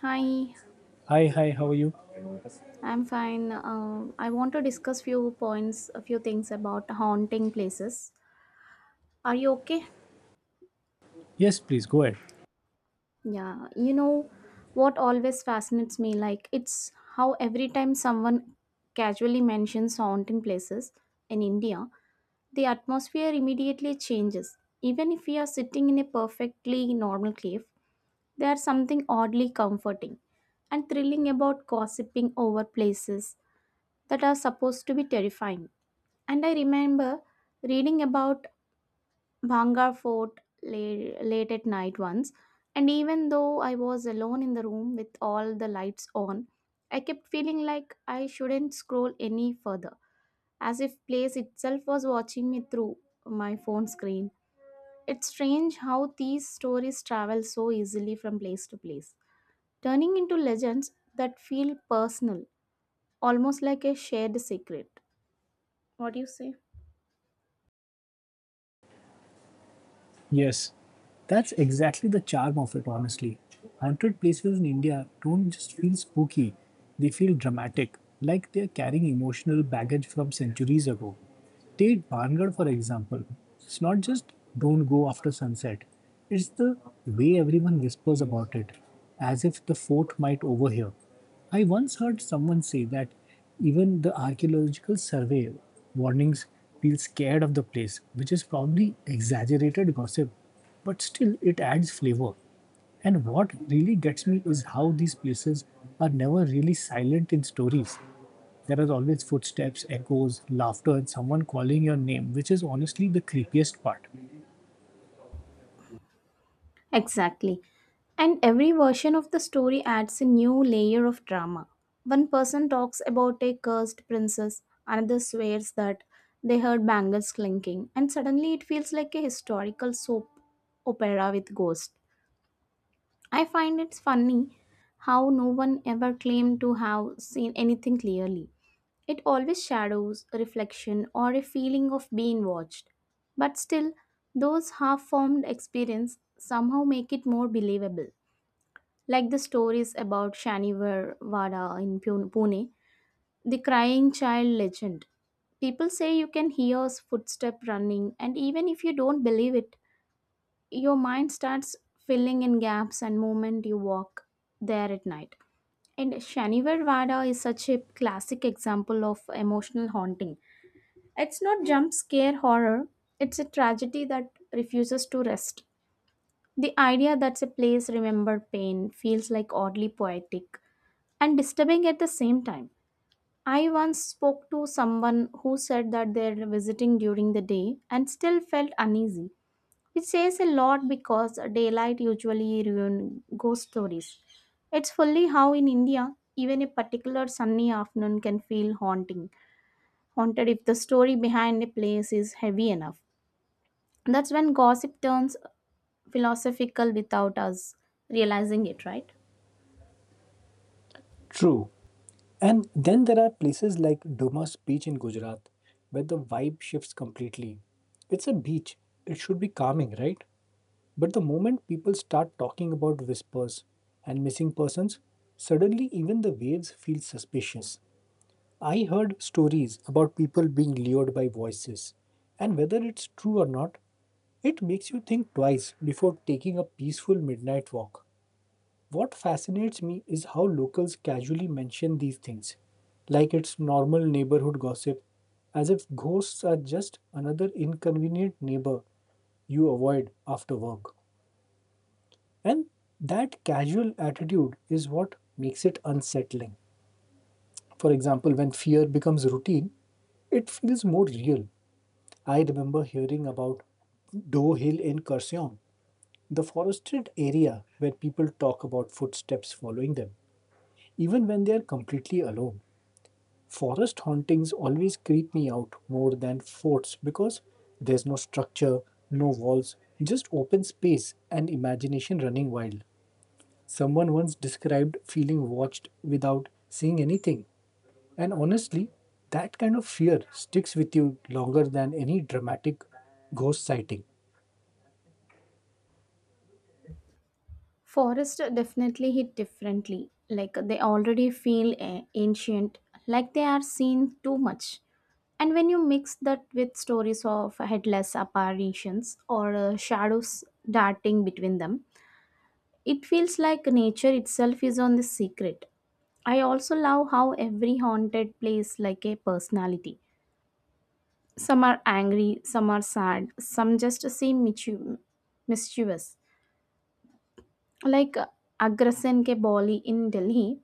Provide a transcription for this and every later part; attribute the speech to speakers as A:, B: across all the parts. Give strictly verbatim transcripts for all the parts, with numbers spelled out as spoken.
A: Hi,
B: Hi, hi, how are you?
A: I'm fine. Uh, I want to discuss few points, a few things about haunting places. Are you okay?
B: Yes, please go ahead.
A: Yeah, you know what always fascinates me, like it's how every time someone casually mentions haunting places in India, the atmosphere immediately changes. Even if we are sitting in a perfectly normal cave, there's something oddly comforting and thrilling about gossiping over places that are supposed to be terrifying. And I remember reading about Bhangar Fort late, late at night once, and even though I was alone in the room with all the lights on, I kept feeling like I shouldn't scroll any further, as if place itself was watching me through my phone screen. It's strange how these stories travel so easily from place to place, turning into legends that feel personal, almost like a shared secret. What do you say?
B: Yes, that's exactly the charm of it, honestly. Haunted places in India don't just feel spooky, they feel dramatic, like they're carrying emotional baggage from centuries ago. Take Barnagar, for example. It's not just don't go after sunset, it's the way everyone whispers about it, as if the fort might overhear. I once heard someone say that even the archaeological survey warnings feel scared of the place, which is probably exaggerated gossip, but still it adds flavor. And what really gets me is how these places are never really silent in stories. There are always footsteps, echoes, laughter, and someone calling your name, which is honestly the creepiest part.
A: Exactly. And every version of the story adds a new layer of drama. One person talks about a cursed princess, another swears that they heard bangles clinking, and suddenly it feels like a historical soap opera with ghosts. I find it's funny how no one ever claimed to have seen anything clearly. It always shadows a reflection or a feeling of being watched. But still, those half formed experiences somehow make it more believable. Like the stories about Shanivar Wada in Pune, Pune, the crying child legend. People say you can hear his footstep running, and even if you don't believe it, your mind starts filling in gaps and moment you walk there at night. And Shanivar Vada is such a classic example of emotional haunting it's not jump scare horror, it's a tragedy that refuses to rest. The idea that a place remembered pain feels like oddly poetic and disturbing at the same time. I once spoke to someone who said that they're visiting during the day and still felt uneasy, which says a lot because daylight usually ruins ghost stories. It's fully how in India, even a particular sunny afternoon can feel haunting, haunted if the story behind a place is heavy enough. That's when gossip turns philosophical without us realizing it, right?
B: True. And then there are places like Dumas Beach in Gujarat, where the vibe shifts completely. It's a beach, it should be calming, right? But the moment people start talking about whispers and missing persons, suddenly even the waves feel suspicious. I heard stories about people being lured by voices, and whether it's true or not, it makes you think twice before taking a peaceful midnight walk. What fascinates me is how locals casually mention these things, like it's normal neighborhood gossip, as if ghosts are just another inconvenient neighbor you avoid after work. And that casual attitude is what makes it unsettling. For example, when fear becomes routine, it feels more real. I remember hearing about Doe Hill in Kurseong, the forested area where people talk about footsteps following them. Even when they're completely alone, forest hauntings always creep me out more than forts because there's no structure, no walls, just open space and imagination running wild. Someone once described feeling watched without seeing anything, and honestly, that kind of fear sticks with you longer than any dramatic ghost sighting.
A: Forests definitely hit differently. Like they already feel a- ancient, like they are seen too much. And when you mix that with stories of headless apparitions or uh, shadows darting between them, it feels like nature itself is on the secret. I also love how every haunted place like a personality. Some are angry, some are sad, some just seem michu- mischievous. Like uh, Agrasen Ke Boli in Delhi,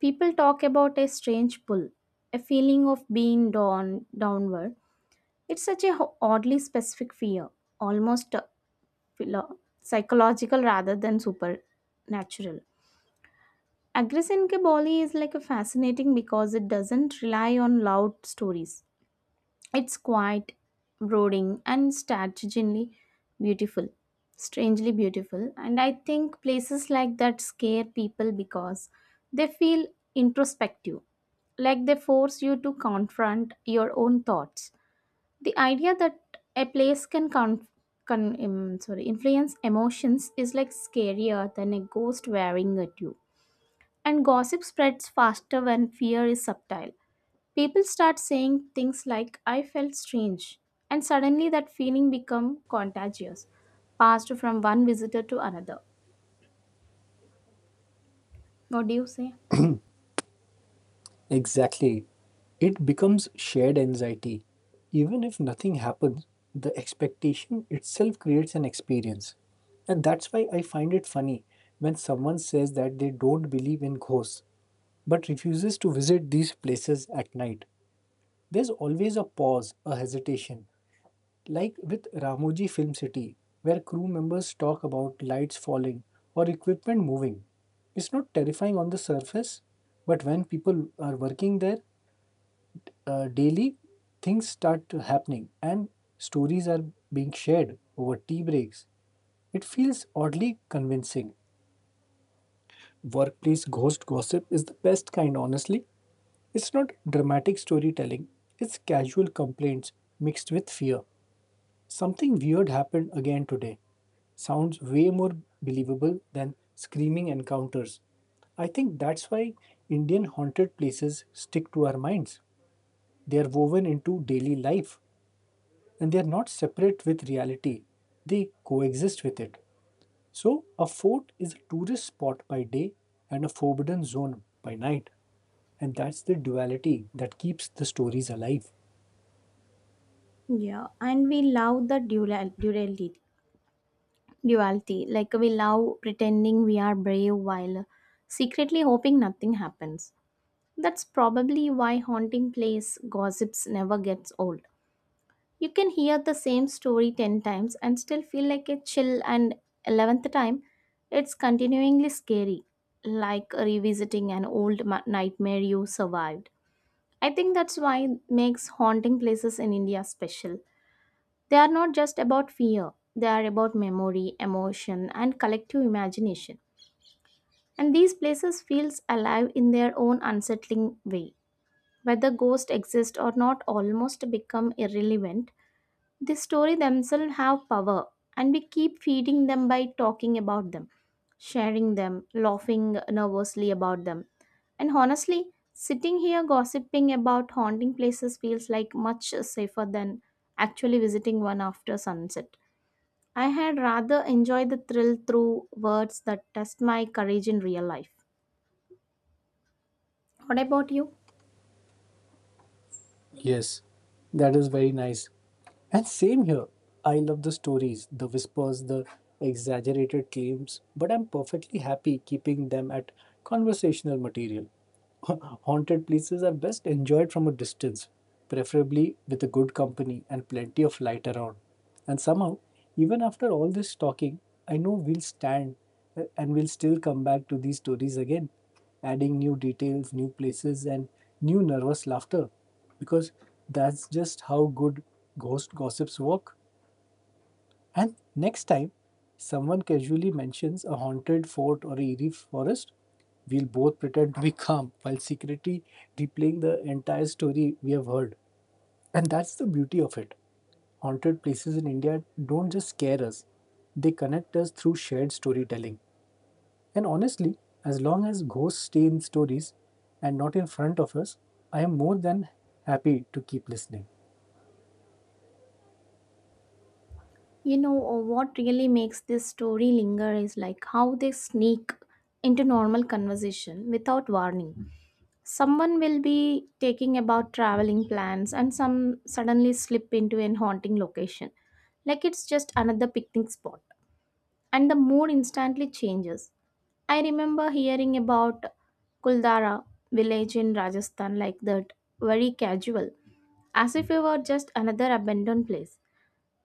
A: people talk about a strange pull, a feeling of being drawn downward. It's such a ho- oddly specific fear, almost uh, philo- psychological rather than supernatural. Agrasen Ke Boli is like a fascinating because it doesn't rely on loud stories. It's quiet, brooding, and strategically beautiful. Strangely beautiful. And I think places like that scare people because they feel introspective, like they force you to confront your own thoughts. The idea that a place can con- con- um, sorry, influence emotions is like scarier than a ghost wearing at you. And gossip spreads faster when fear is subtle. People start saying things like I felt strange and suddenly that feeling become contagious, passed from one visitor to another. What do you say?
B: Exactly. It becomes shared anxiety. Even if nothing happens, the expectation itself creates an experience. And that's why I find it funny when someone says that they don't believe in ghosts but refuses to visit these places at night. There's always a pause, a hesitation, like with Ramoji Film City, where crew members talk about lights falling or equipment moving. It's not terrifying on the surface, but when people are working there, uh, daily things start to happening and stories are being shared over tea breaks. It feels oddly convincing. Workplace ghost gossip is the best kind, honestly. It's not dramatic storytelling, it's casual complaints mixed with fear. Something weird happened again today. Sounds way more believable than screaming encounters. I think that's why Indian haunted places stick to our minds. They are woven into daily life, and they are not separate with reality, they coexist with it. So, a fort is a tourist spot by day and a forbidden zone by night, and that's the duality that keeps the stories alive.
A: Yeah, and we love the dual duality. Duality, like we love pretending we are brave while secretly hoping nothing happens. That's probably why haunting place gossips never gets old. You can hear the same story ten times and still feel like a chill, and eleventh time, it's continuingly scary, like revisiting an old ma- nightmare you survived. I think that's why it makes haunting places in India special. They are not just about fear, they are about memory, emotion, and collective imagination. And these places feels alive in their own unsettling way. Whether ghosts exist or not almost become irrelevant the story themselves have power, and we keep feeding them by talking about them, sharing them, laughing nervously about them. And honestly, sitting here gossiping about haunting places feels like much safer than actually visiting one after sunset. I had rather enjoy the thrill through words that test my courage in real life. What about you?
B: Yes, that is very nice. And same here. I love the stories, the whispers, the exaggerated claims, but I'm perfectly happy keeping them at conversational material. Haunted places are best enjoyed from a distance, preferably with a good company and plenty of light around. And somehow, even after all this talking, I know we'll stand uh, and we'll still come back to these stories again, adding new details, new places, and new nervous laughter because that's just how good ghost gossips work. And next time someone casually mentions a haunted fort or a eerie forest, we'll both pretend to be calm while secretly replaying the entire story we have heard. And that's the beauty of it. Haunted places in India don't just scare us, they connect us through shared storytelling. And honestly, as long as ghosts stay in stories and not in front of us, I am more than happy to keep listening.
A: You know, uh, what really makes this story linger is like how they sneak into normal conversation without warning. Someone will be taking about traveling plans and some suddenly slip into an haunting location, like it's just another picnic spot, and the mood instantly changes. I remember hearing about Kuldara village in Rajasthan like that, very casual, as if it were just another abandoned place.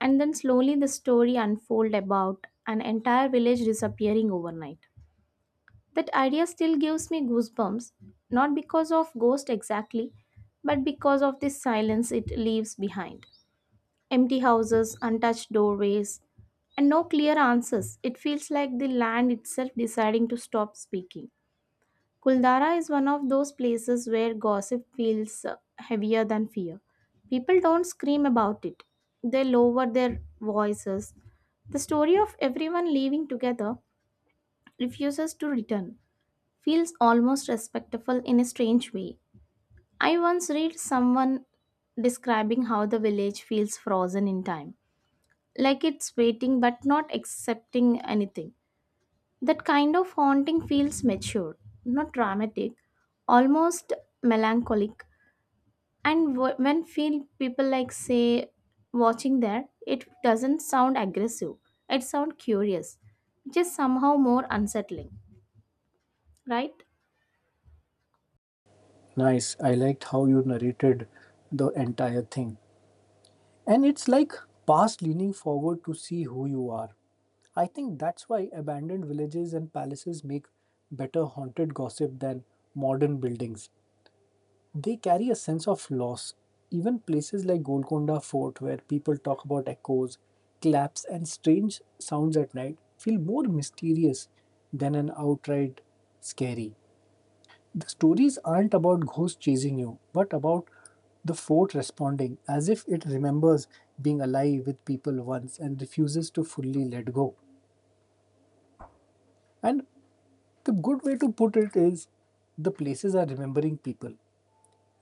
A: And then slowly the story unfold about an entire village disappearing overnight. That idea still gives me goosebumps, not because of ghost exactly, but because of the silence it leaves behind. Empty houses, untouched doorways, and no clear answers. It feels like the land itself deciding to stop speaking. Kuldara is one of those places where gossip feels uh, heavier than fear. People don't scream about it, they lower their voices. The story of everyone leaving together refuses to return feels almost respectful in a strange way. I once read someone describing how the village feels frozen in time, like it's waiting but not accepting anything. That kind of haunting feels mature, not dramatic, almost melancholic. And w- when feel people like say watching that, it doesn't sound aggressive. It sounds curious, which is somehow more unsettling, right?
B: Nice. I liked how you narrated the entire thing. And it's like past leaning forward to see who you are. I think that's why abandoned villages and palaces make better haunted gossip than modern buildings. They carry a sense of loss. Even places like Golconda Fort, where people talk about echoes, claps, and strange sounds at night, feel more mysterious than an outright scary. The stories aren't about ghosts chasing you, but about the fort responding as if it remembers being alive with people once and refuses to fully let go. And the good way to put it is the places are remembering people.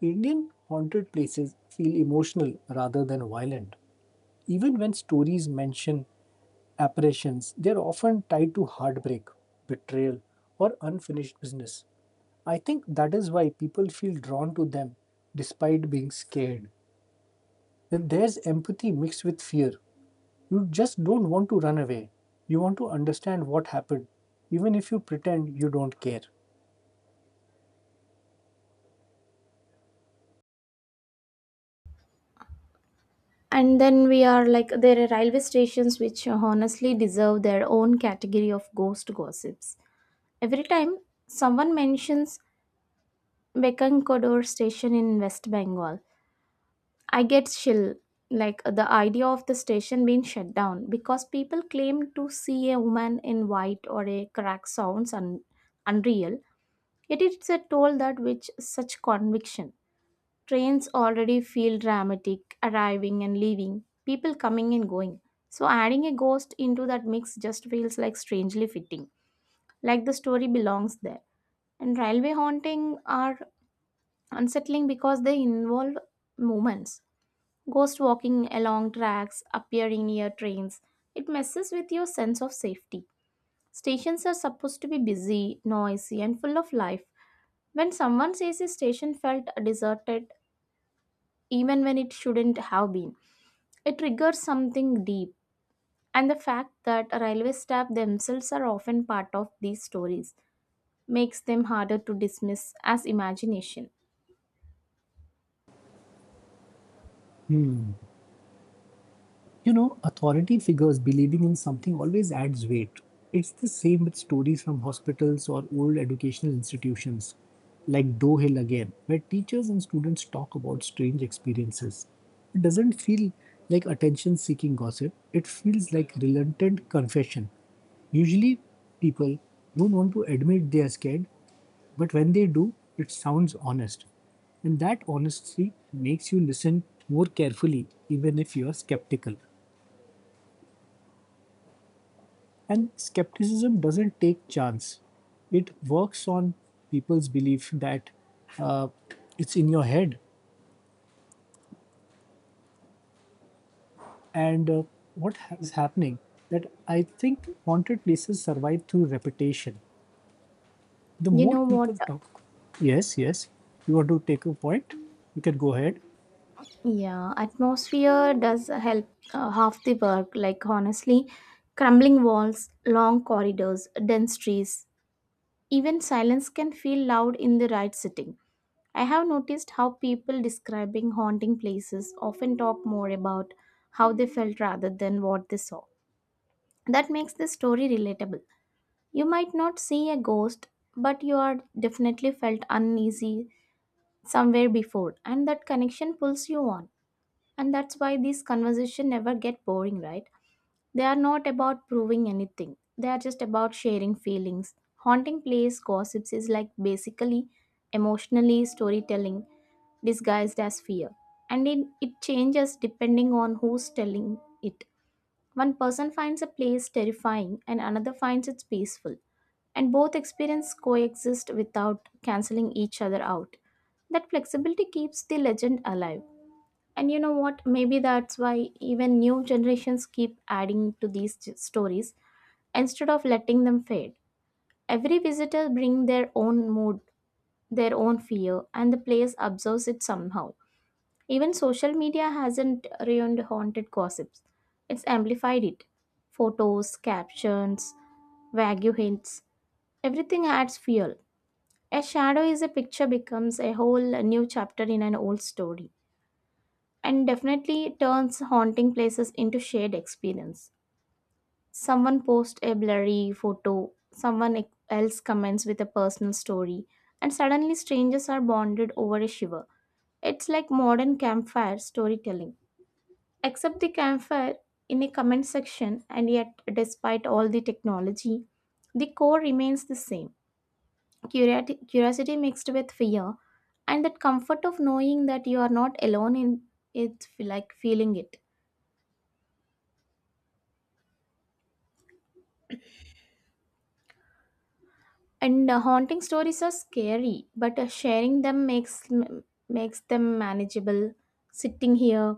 B: Indian haunted places feel emotional rather than violent. Even when stories mention apparitions, they are often tied to heartbreak, betrayal, or unfinished business. I think that is why people feel drawn to them despite being scared. Then there's empathy mixed with fear. You just don't want to run away. You want to understand what happened, even if you pretend you don't care.
A: And then we are like there are railway stations which honestly deserve their own category of ghost gossips. Every time someone mentions Bekankodor station in West Bengal, I get chill, like the idea of the station being shut down because people claim to see a woman in white or a crack sounds un- unreal. Yet it's a toll that which such conviction. Trains already feel dramatic, arriving and leaving, people coming and going. So adding a ghost into that mix just feels like strangely fitting, like the story belongs there and railway haunting are unsettling because they involve moments Ghost walking along tracks, appearing near trains. It messes with your sense of safety. Stations are supposed to be busy, noisy, and full of life. When someone says a station felt deserted, even when it shouldn't have been, it triggers something deep. And the fact that railway staff themselves are often part of these stories makes them harder to dismiss as imagination.
B: Hmm. You know, authority figures believing in something always adds weight. It's the same with stories from hospitals or old educational institutions, like Do Hill again, where teachers and students talk about strange experiences. It doesn't feel like attention seeking gossip, it feels like reluctant confession. Usually, people don't want to admit they are scared, but when they do, it sounds honest. And that honesty makes you listen more carefully, even if you are skeptical. And skepticism doesn't take chance. It works on people's belief that uh, it's in your head. And uh, what is happening that I think haunted places survive through repetition. The
A: You
B: more
A: know what?
B: people talk, yes, yes, you want to take a point? You can go ahead.
A: Yeah, atmosphere does help uh, half the work. Like, honestly, crumbling walls, long corridors, dense trees, even silence can feel loud in the right setting. I have noticed how people describing haunting places often talk more about how they felt rather than what they saw. That makes the story relatable. You might not see a ghost, but you are definitely felt uneasy somewhere before, and that connection pulls you on. And that's why these conversations never get boring, right? They are not about proving anything. They are just about sharing feelings. Haunting place gossips is like basically emotionally storytelling disguised as fear. And it, it changes depending on who's telling it. One person finds a place terrifying and another finds it peaceful. And both experiences coexist without canceling each other out. That flexibility keeps the legend alive. And you know what? Maybe that's why even new generations keep adding to these j- stories instead of letting them fade. Every visitor brings their own mood, their own fear, and the place absorbs it somehow. Even social media hasn't ruined haunted gossips, it's amplified it. Photos, captions, vague hints, everything adds fuel. A shadow is a picture becomes a whole new chapter in an old story and definitely turns haunting places into shared experience. Someone posts a blurry photo, someone e- else comments with a personal story, and suddenly strangers are bonded over a shiver. It's like modern campfire storytelling, except the campfire in a comment section, and yet, despite all the technology, the core remains the same Curiati- curiosity mixed with fear, and that comfort of knowing that you are not alone in it, like feeling it. And uh, haunting stories are scary, but uh, sharing them makes m- makes them manageable. Sitting here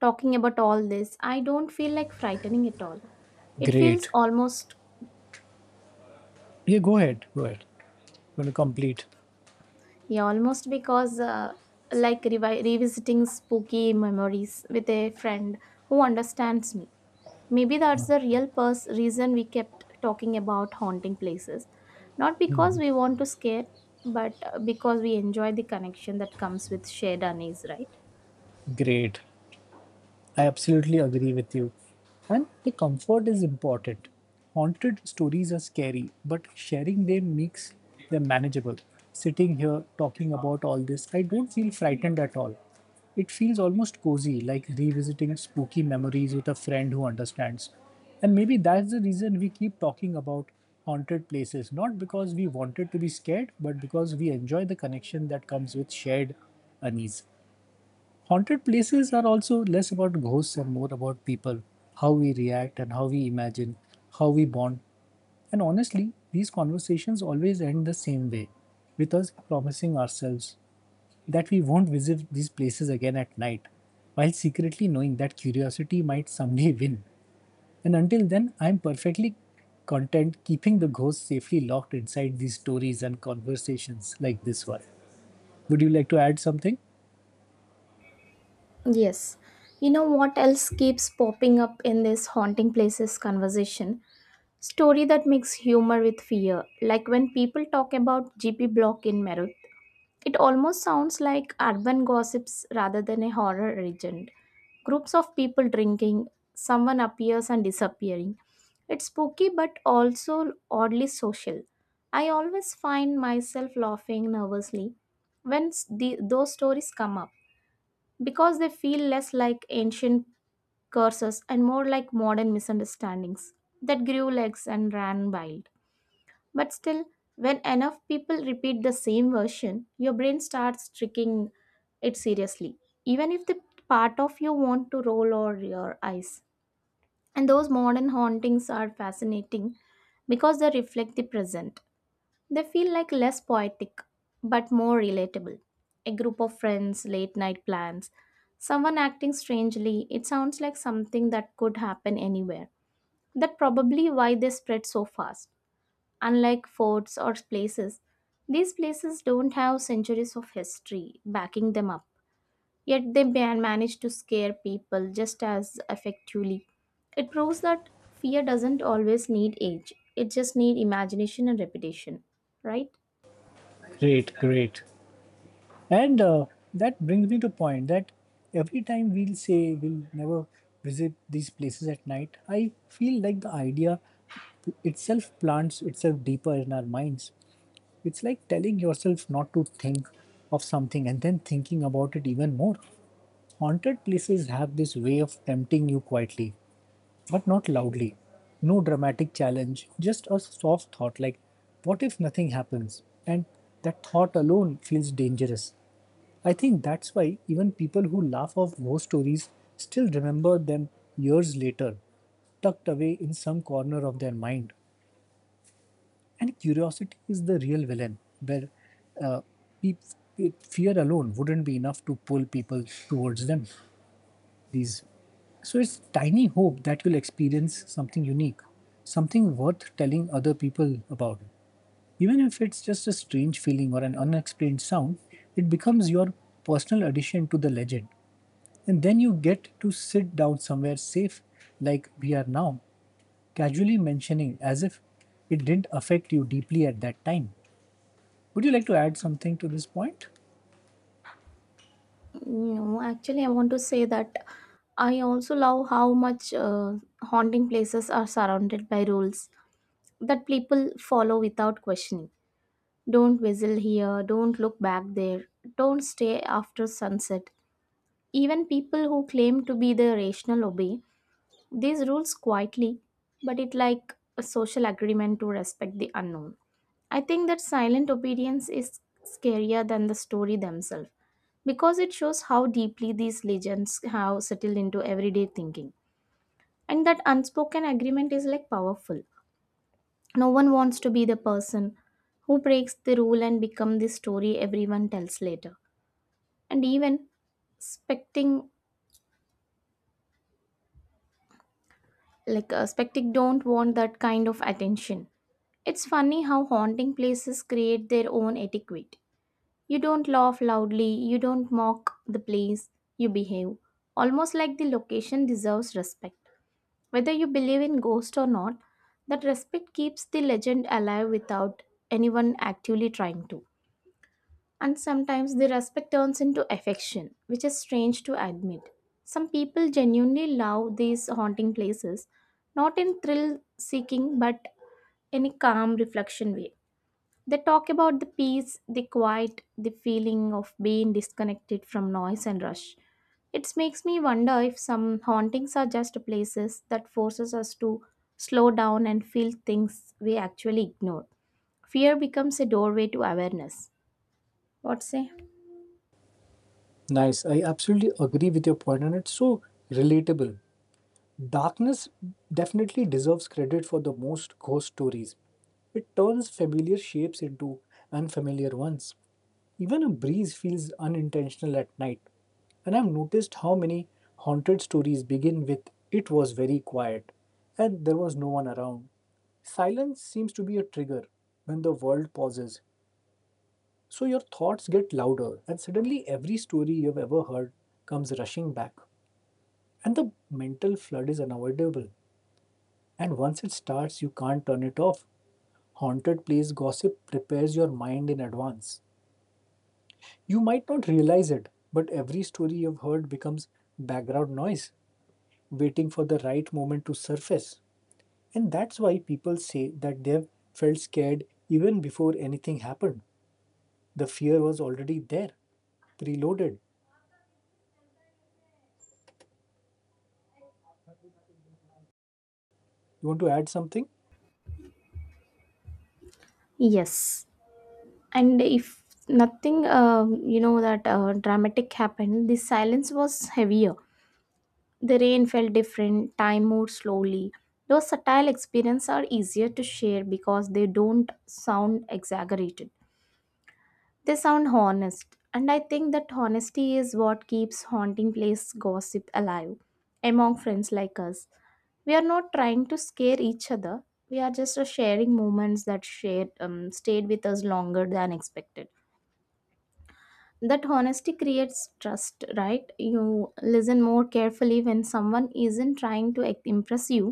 A: talking about all this, I don't feel like frightening at all. It feels
B: Great.
A: almost
B: Yeah, go ahead. Go ahead. I'm going to complete?
A: yeah, almost because uh, like revi- revisiting spooky memories with a friend who understands me. Maybe that's the real pers- reason we kept talking about haunting places, not because we want to scare, but uh, because we enjoy the connection that comes with shared unease, right?
B: Great. I absolutely agree with you. And the comfort is important. Haunted stories are scary, but sharing them makes them manageable. Sitting here talking about all this, I don't feel frightened at all. It feels almost cozy, like revisiting spooky memories with a friend who understands. And maybe that's the reason we keep talking about haunted places, not because we wanted to be scared, but because we enjoy the connection that comes with shared unease. Haunted places are also less about ghosts and more about people, how we react and how we imagine, how we bond. And honestly, these conversations always end the same way with us promising ourselves that we won't visit these places again at night, while secretly knowing that curiosity might someday win. And until then, I'm perfectly content keeping the ghosts safely locked inside these stories and conversations like this one. Would you like to add something?
A: Yes. You know what else keeps popping up in this haunting places conversation? Story that makes humor with fear. Like when people talk about G P block in Merut, it almost sounds like urban gossips rather than a horror legend. Groups of people drinking, someone appears and disappearing. It's spooky but also oddly social. I always find myself laughing nervously when s- the, those stories come up because they feel less like ancient curses and more like modern misunderstandings that grew legs and ran wild. But still, when enough people repeat the same version, your brain starts tricking it seriously, even if the part of you want to roll or your eyes. And those modern hauntings are fascinating because they reflect the present, they feel like less poetic but more relatable. A group of friends, late night plans, someone acting strangely, it sounds like something that could happen anywhere. That probably why they spread so fast. Unlike forts or places, these places don't have centuries of history backing them up. Yet they man- manage to scare people just as effectively. It proves that fear doesn't always need age. It just needs imagination and repetition, right?
B: Great, great. And uh, that brings me to point that every time we'll say we'll never visit these places at night, I feel like the idea itself plants itself deeper in our minds. It's like telling yourself not to think of something and then thinking about it even more. Haunted places have this way of tempting you quietly but not loudly. No dramatic challenge, just a soft thought like, what if nothing happens? And that thought alone feels dangerous. I think that's why even people who laugh off war stories still remember them years later, tucked away in some corner of their mind. And curiosity is the real villain, where uh, peop- fear alone wouldn't be enough to pull people towards them these. So it's tiny hope that you'll experience something unique, something worth telling other people about. Even if it's just a strange feeling or an unexplained sound, it becomes your personal addition to the legend. And then you get to sit down somewhere safe, like we are now, casually mentioning as if it didn't affect you deeply at that time. Would you like to add something to this point?
A: No, actually, I want to say that I also love how much uh, haunting places are surrounded by rules that people follow without questioning. Don't whistle here, don't look back there, don't stay after sunset. Even people who claim to be the rational obey, these rules quietly, but it like a social agreement to respect the unknown. I think that silent obedience is scarier than the story themselves because it shows how deeply these legends have settled into everyday thinking. And that unspoken agreement is like powerful. No one wants to be the person who breaks the rule and become the story everyone tells later. And even expecting, Like uh, Spectic don't want that kind of attention. It's funny how haunting places create their own etiquette. You don't laugh loudly, you don't mock the place, you behave. Almost like the location deserves respect. Whether you believe in ghosts or not, that respect keeps the legend alive without anyone actively trying to. And sometimes the respect turns into affection, which is strange to admit. Some people genuinely love these haunting places, not in thrill seeking, but in a calm reflection way. They talk about the peace, the quiet, the feeling of being disconnected from noise and rush. It makes me wonder if some hauntings are just places that forces us to slow down and feel things we actually ignore. Fear becomes a doorway to awareness. What say?
B: Nice. I absolutely agree with your point, and it's so relatable. Darkness definitely deserves credit for the most ghost stories. It turns familiar shapes into unfamiliar ones. Even a breeze feels unintentional at night. And I've noticed how many haunted stories begin with it was very quiet and there was no one around. Silence seems to be a trigger when the world pauses. So your thoughts get louder and suddenly every story you've ever heard comes rushing back. And the mental flood is unavoidable. And once it starts, you can't turn it off. Haunted place gossip prepares your mind in advance. You might not realize it, but every story you've heard becomes background noise, waiting for the right moment to surface. And that's why people say that they've felt scared even before anything happened. The fear was already there, preloaded. You want to add something?
A: Yes, and if nothing, uh, you know, that uh, dramatic happened, the silence was heavier. The rain felt different, time moved slowly. Those subtle experiences are easier to share because they don't sound exaggerated. They sound honest, and I think that honesty is what keeps haunting place gossip alive among friends like us. We are not trying to scare each other. We are just uh, sharing moments that shared um, stayed with us longer than expected. That honesty creates trust, right? You listen more carefully when someone isn't trying to act- impress you,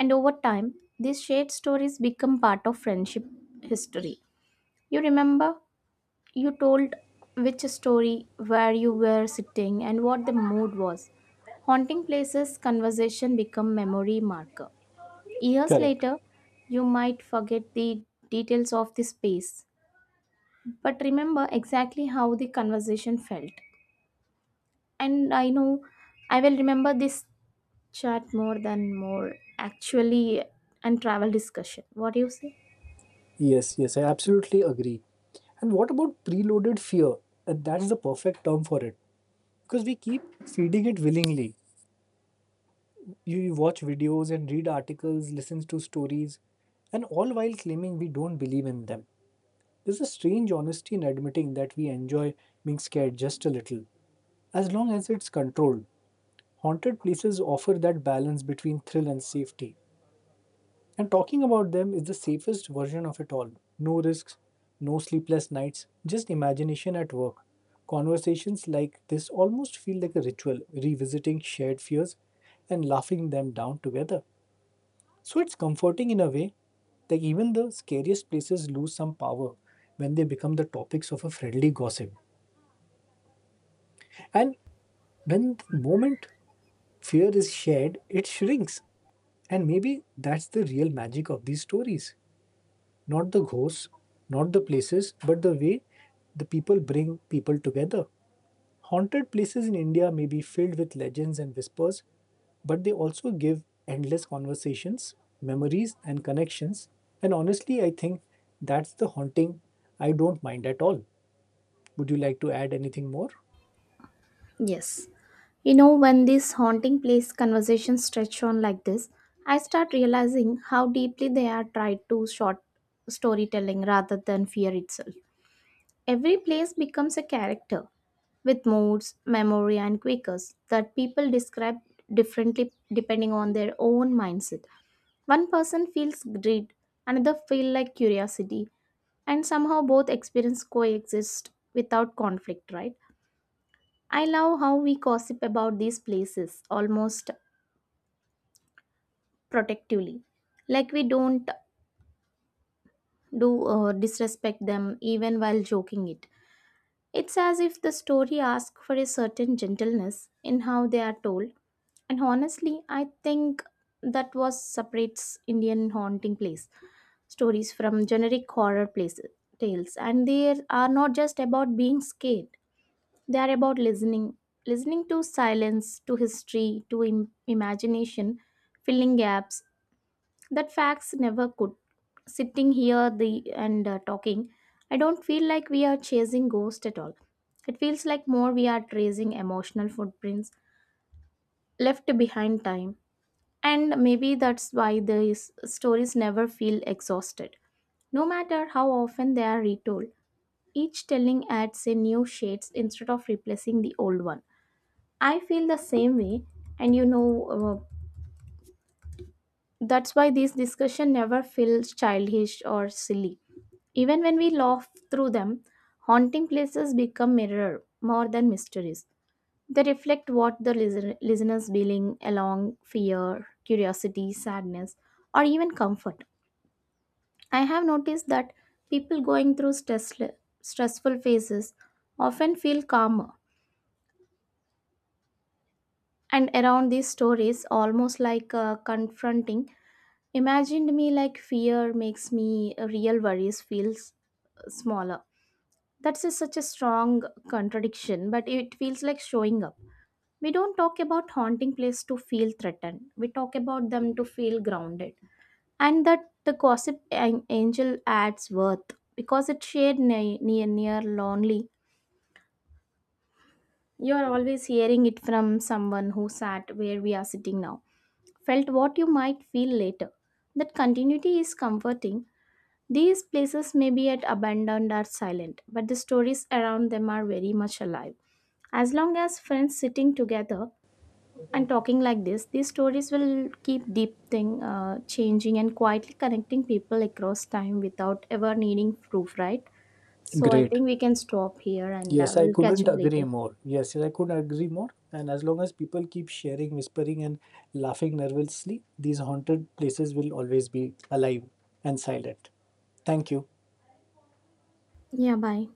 A: and over time these shared stories become part of friendship history. You remember you told which story, where you were sitting, and what the mood was. Haunting places conversation become memory marker. Years
B: Correct.
A: later, you might forget the details of the space but remember exactly how the conversation felt. And I know I will remember this chat more than more actually, and travel discussion. What do you say?
B: Yes, yes, I absolutely agree. And what about preloaded fear? And that's the perfect term for it because we keep feeding it willingly. You you watch videos and read articles, listens to stories, and all while claiming we don't believe in them. There's a strange honesty in admitting that we enjoy being scared just a little, as long as it's controlled. Haunted places offer that balance between thrill and safety, and talking about them is the safest version of it all. No risks, no sleepless nights, just imagination at work. Conversations like this almost feel like a ritual, revisiting shared fears and laughing them down together. So it's comforting in a way that even the scariest places lose some power when they become the topics of a friendly gossip. And when the moment fear is shared, it shrinks. And maybe that's the real magic of these stories. Not the ghosts, not the places, but the way the people bring people together. Haunted places in India may be filled with legends and whispers, but they also give endless conversations, memories, and connections. And honestly, I think that's the haunting I don't mind at all. Would you like to add anything more?
A: Yes, you know when this haunting place conversation stretch on like this, I start realizing how deeply they are tied to short storytelling rather than fear itself. Every place becomes a character with moods, memory, and quakers that people describe differently depending on their own mindset. One person feels greed, another feel like curiosity, and somehow both experience coexist without conflict, right? I love how we gossip about these places almost protectively, like we don't do uh, disrespect them even while joking it. It's as if the story asks for a certain gentleness in how they are told, and honestly, I think that was separates Indian haunting place stories from generic horror place tales, and they are not just about being scared. They are about listening, listening to silence, to history, to Im- imagination, filling gaps that facts never could. Sitting here the and uh, talking, I don't feel like we are chasing ghosts at all. It feels like more we are tracing emotional footprints left behind time. And maybe that's why these stories never feel exhausted. No matter how often they are retold, each telling adds a new shades instead of replacing the old one. I feel the same way. And you know, uh, that's why these discussions never feel childish or silly. Even when we laugh through them, haunting places become mirror more than mysteries. They reflect what the listener, listener's feeling along fear, curiosity, sadness, or even comfort. I have noticed that people going through stress, stressful phases often feel calmer, and around these stories, almost like uh, confronting imagined me like fear makes me uh, real worries feels smaller. That's a, such a strong contradiction, but it feels like showing up. We don't talk about haunting place to feel threatened, we talk about them to feel grounded. And that the gossip an- angel adds worth because it's shared near, near near lonely. You are always hearing it from someone who sat where we are sitting now, felt what you might feel later. That continuity is comforting. These places may be at abandoned or silent, but the stories around them are very much alive. As long as friends sitting together and talking like this, these stories will keep deep thing uh, changing and quietly connecting people across time without ever needing proof, right? So I
B: Great.
A: think we can stop here and uh,
B: Yes, I
A: we'll catch
B: couldn't
A: up
B: agree
A: later.
B: more. Yes, yes, I couldn't agree more. And as long as people keep sharing, whispering, and laughing nervously, these haunted places will always be alive and silent. Thank you.
A: Yeah, bye.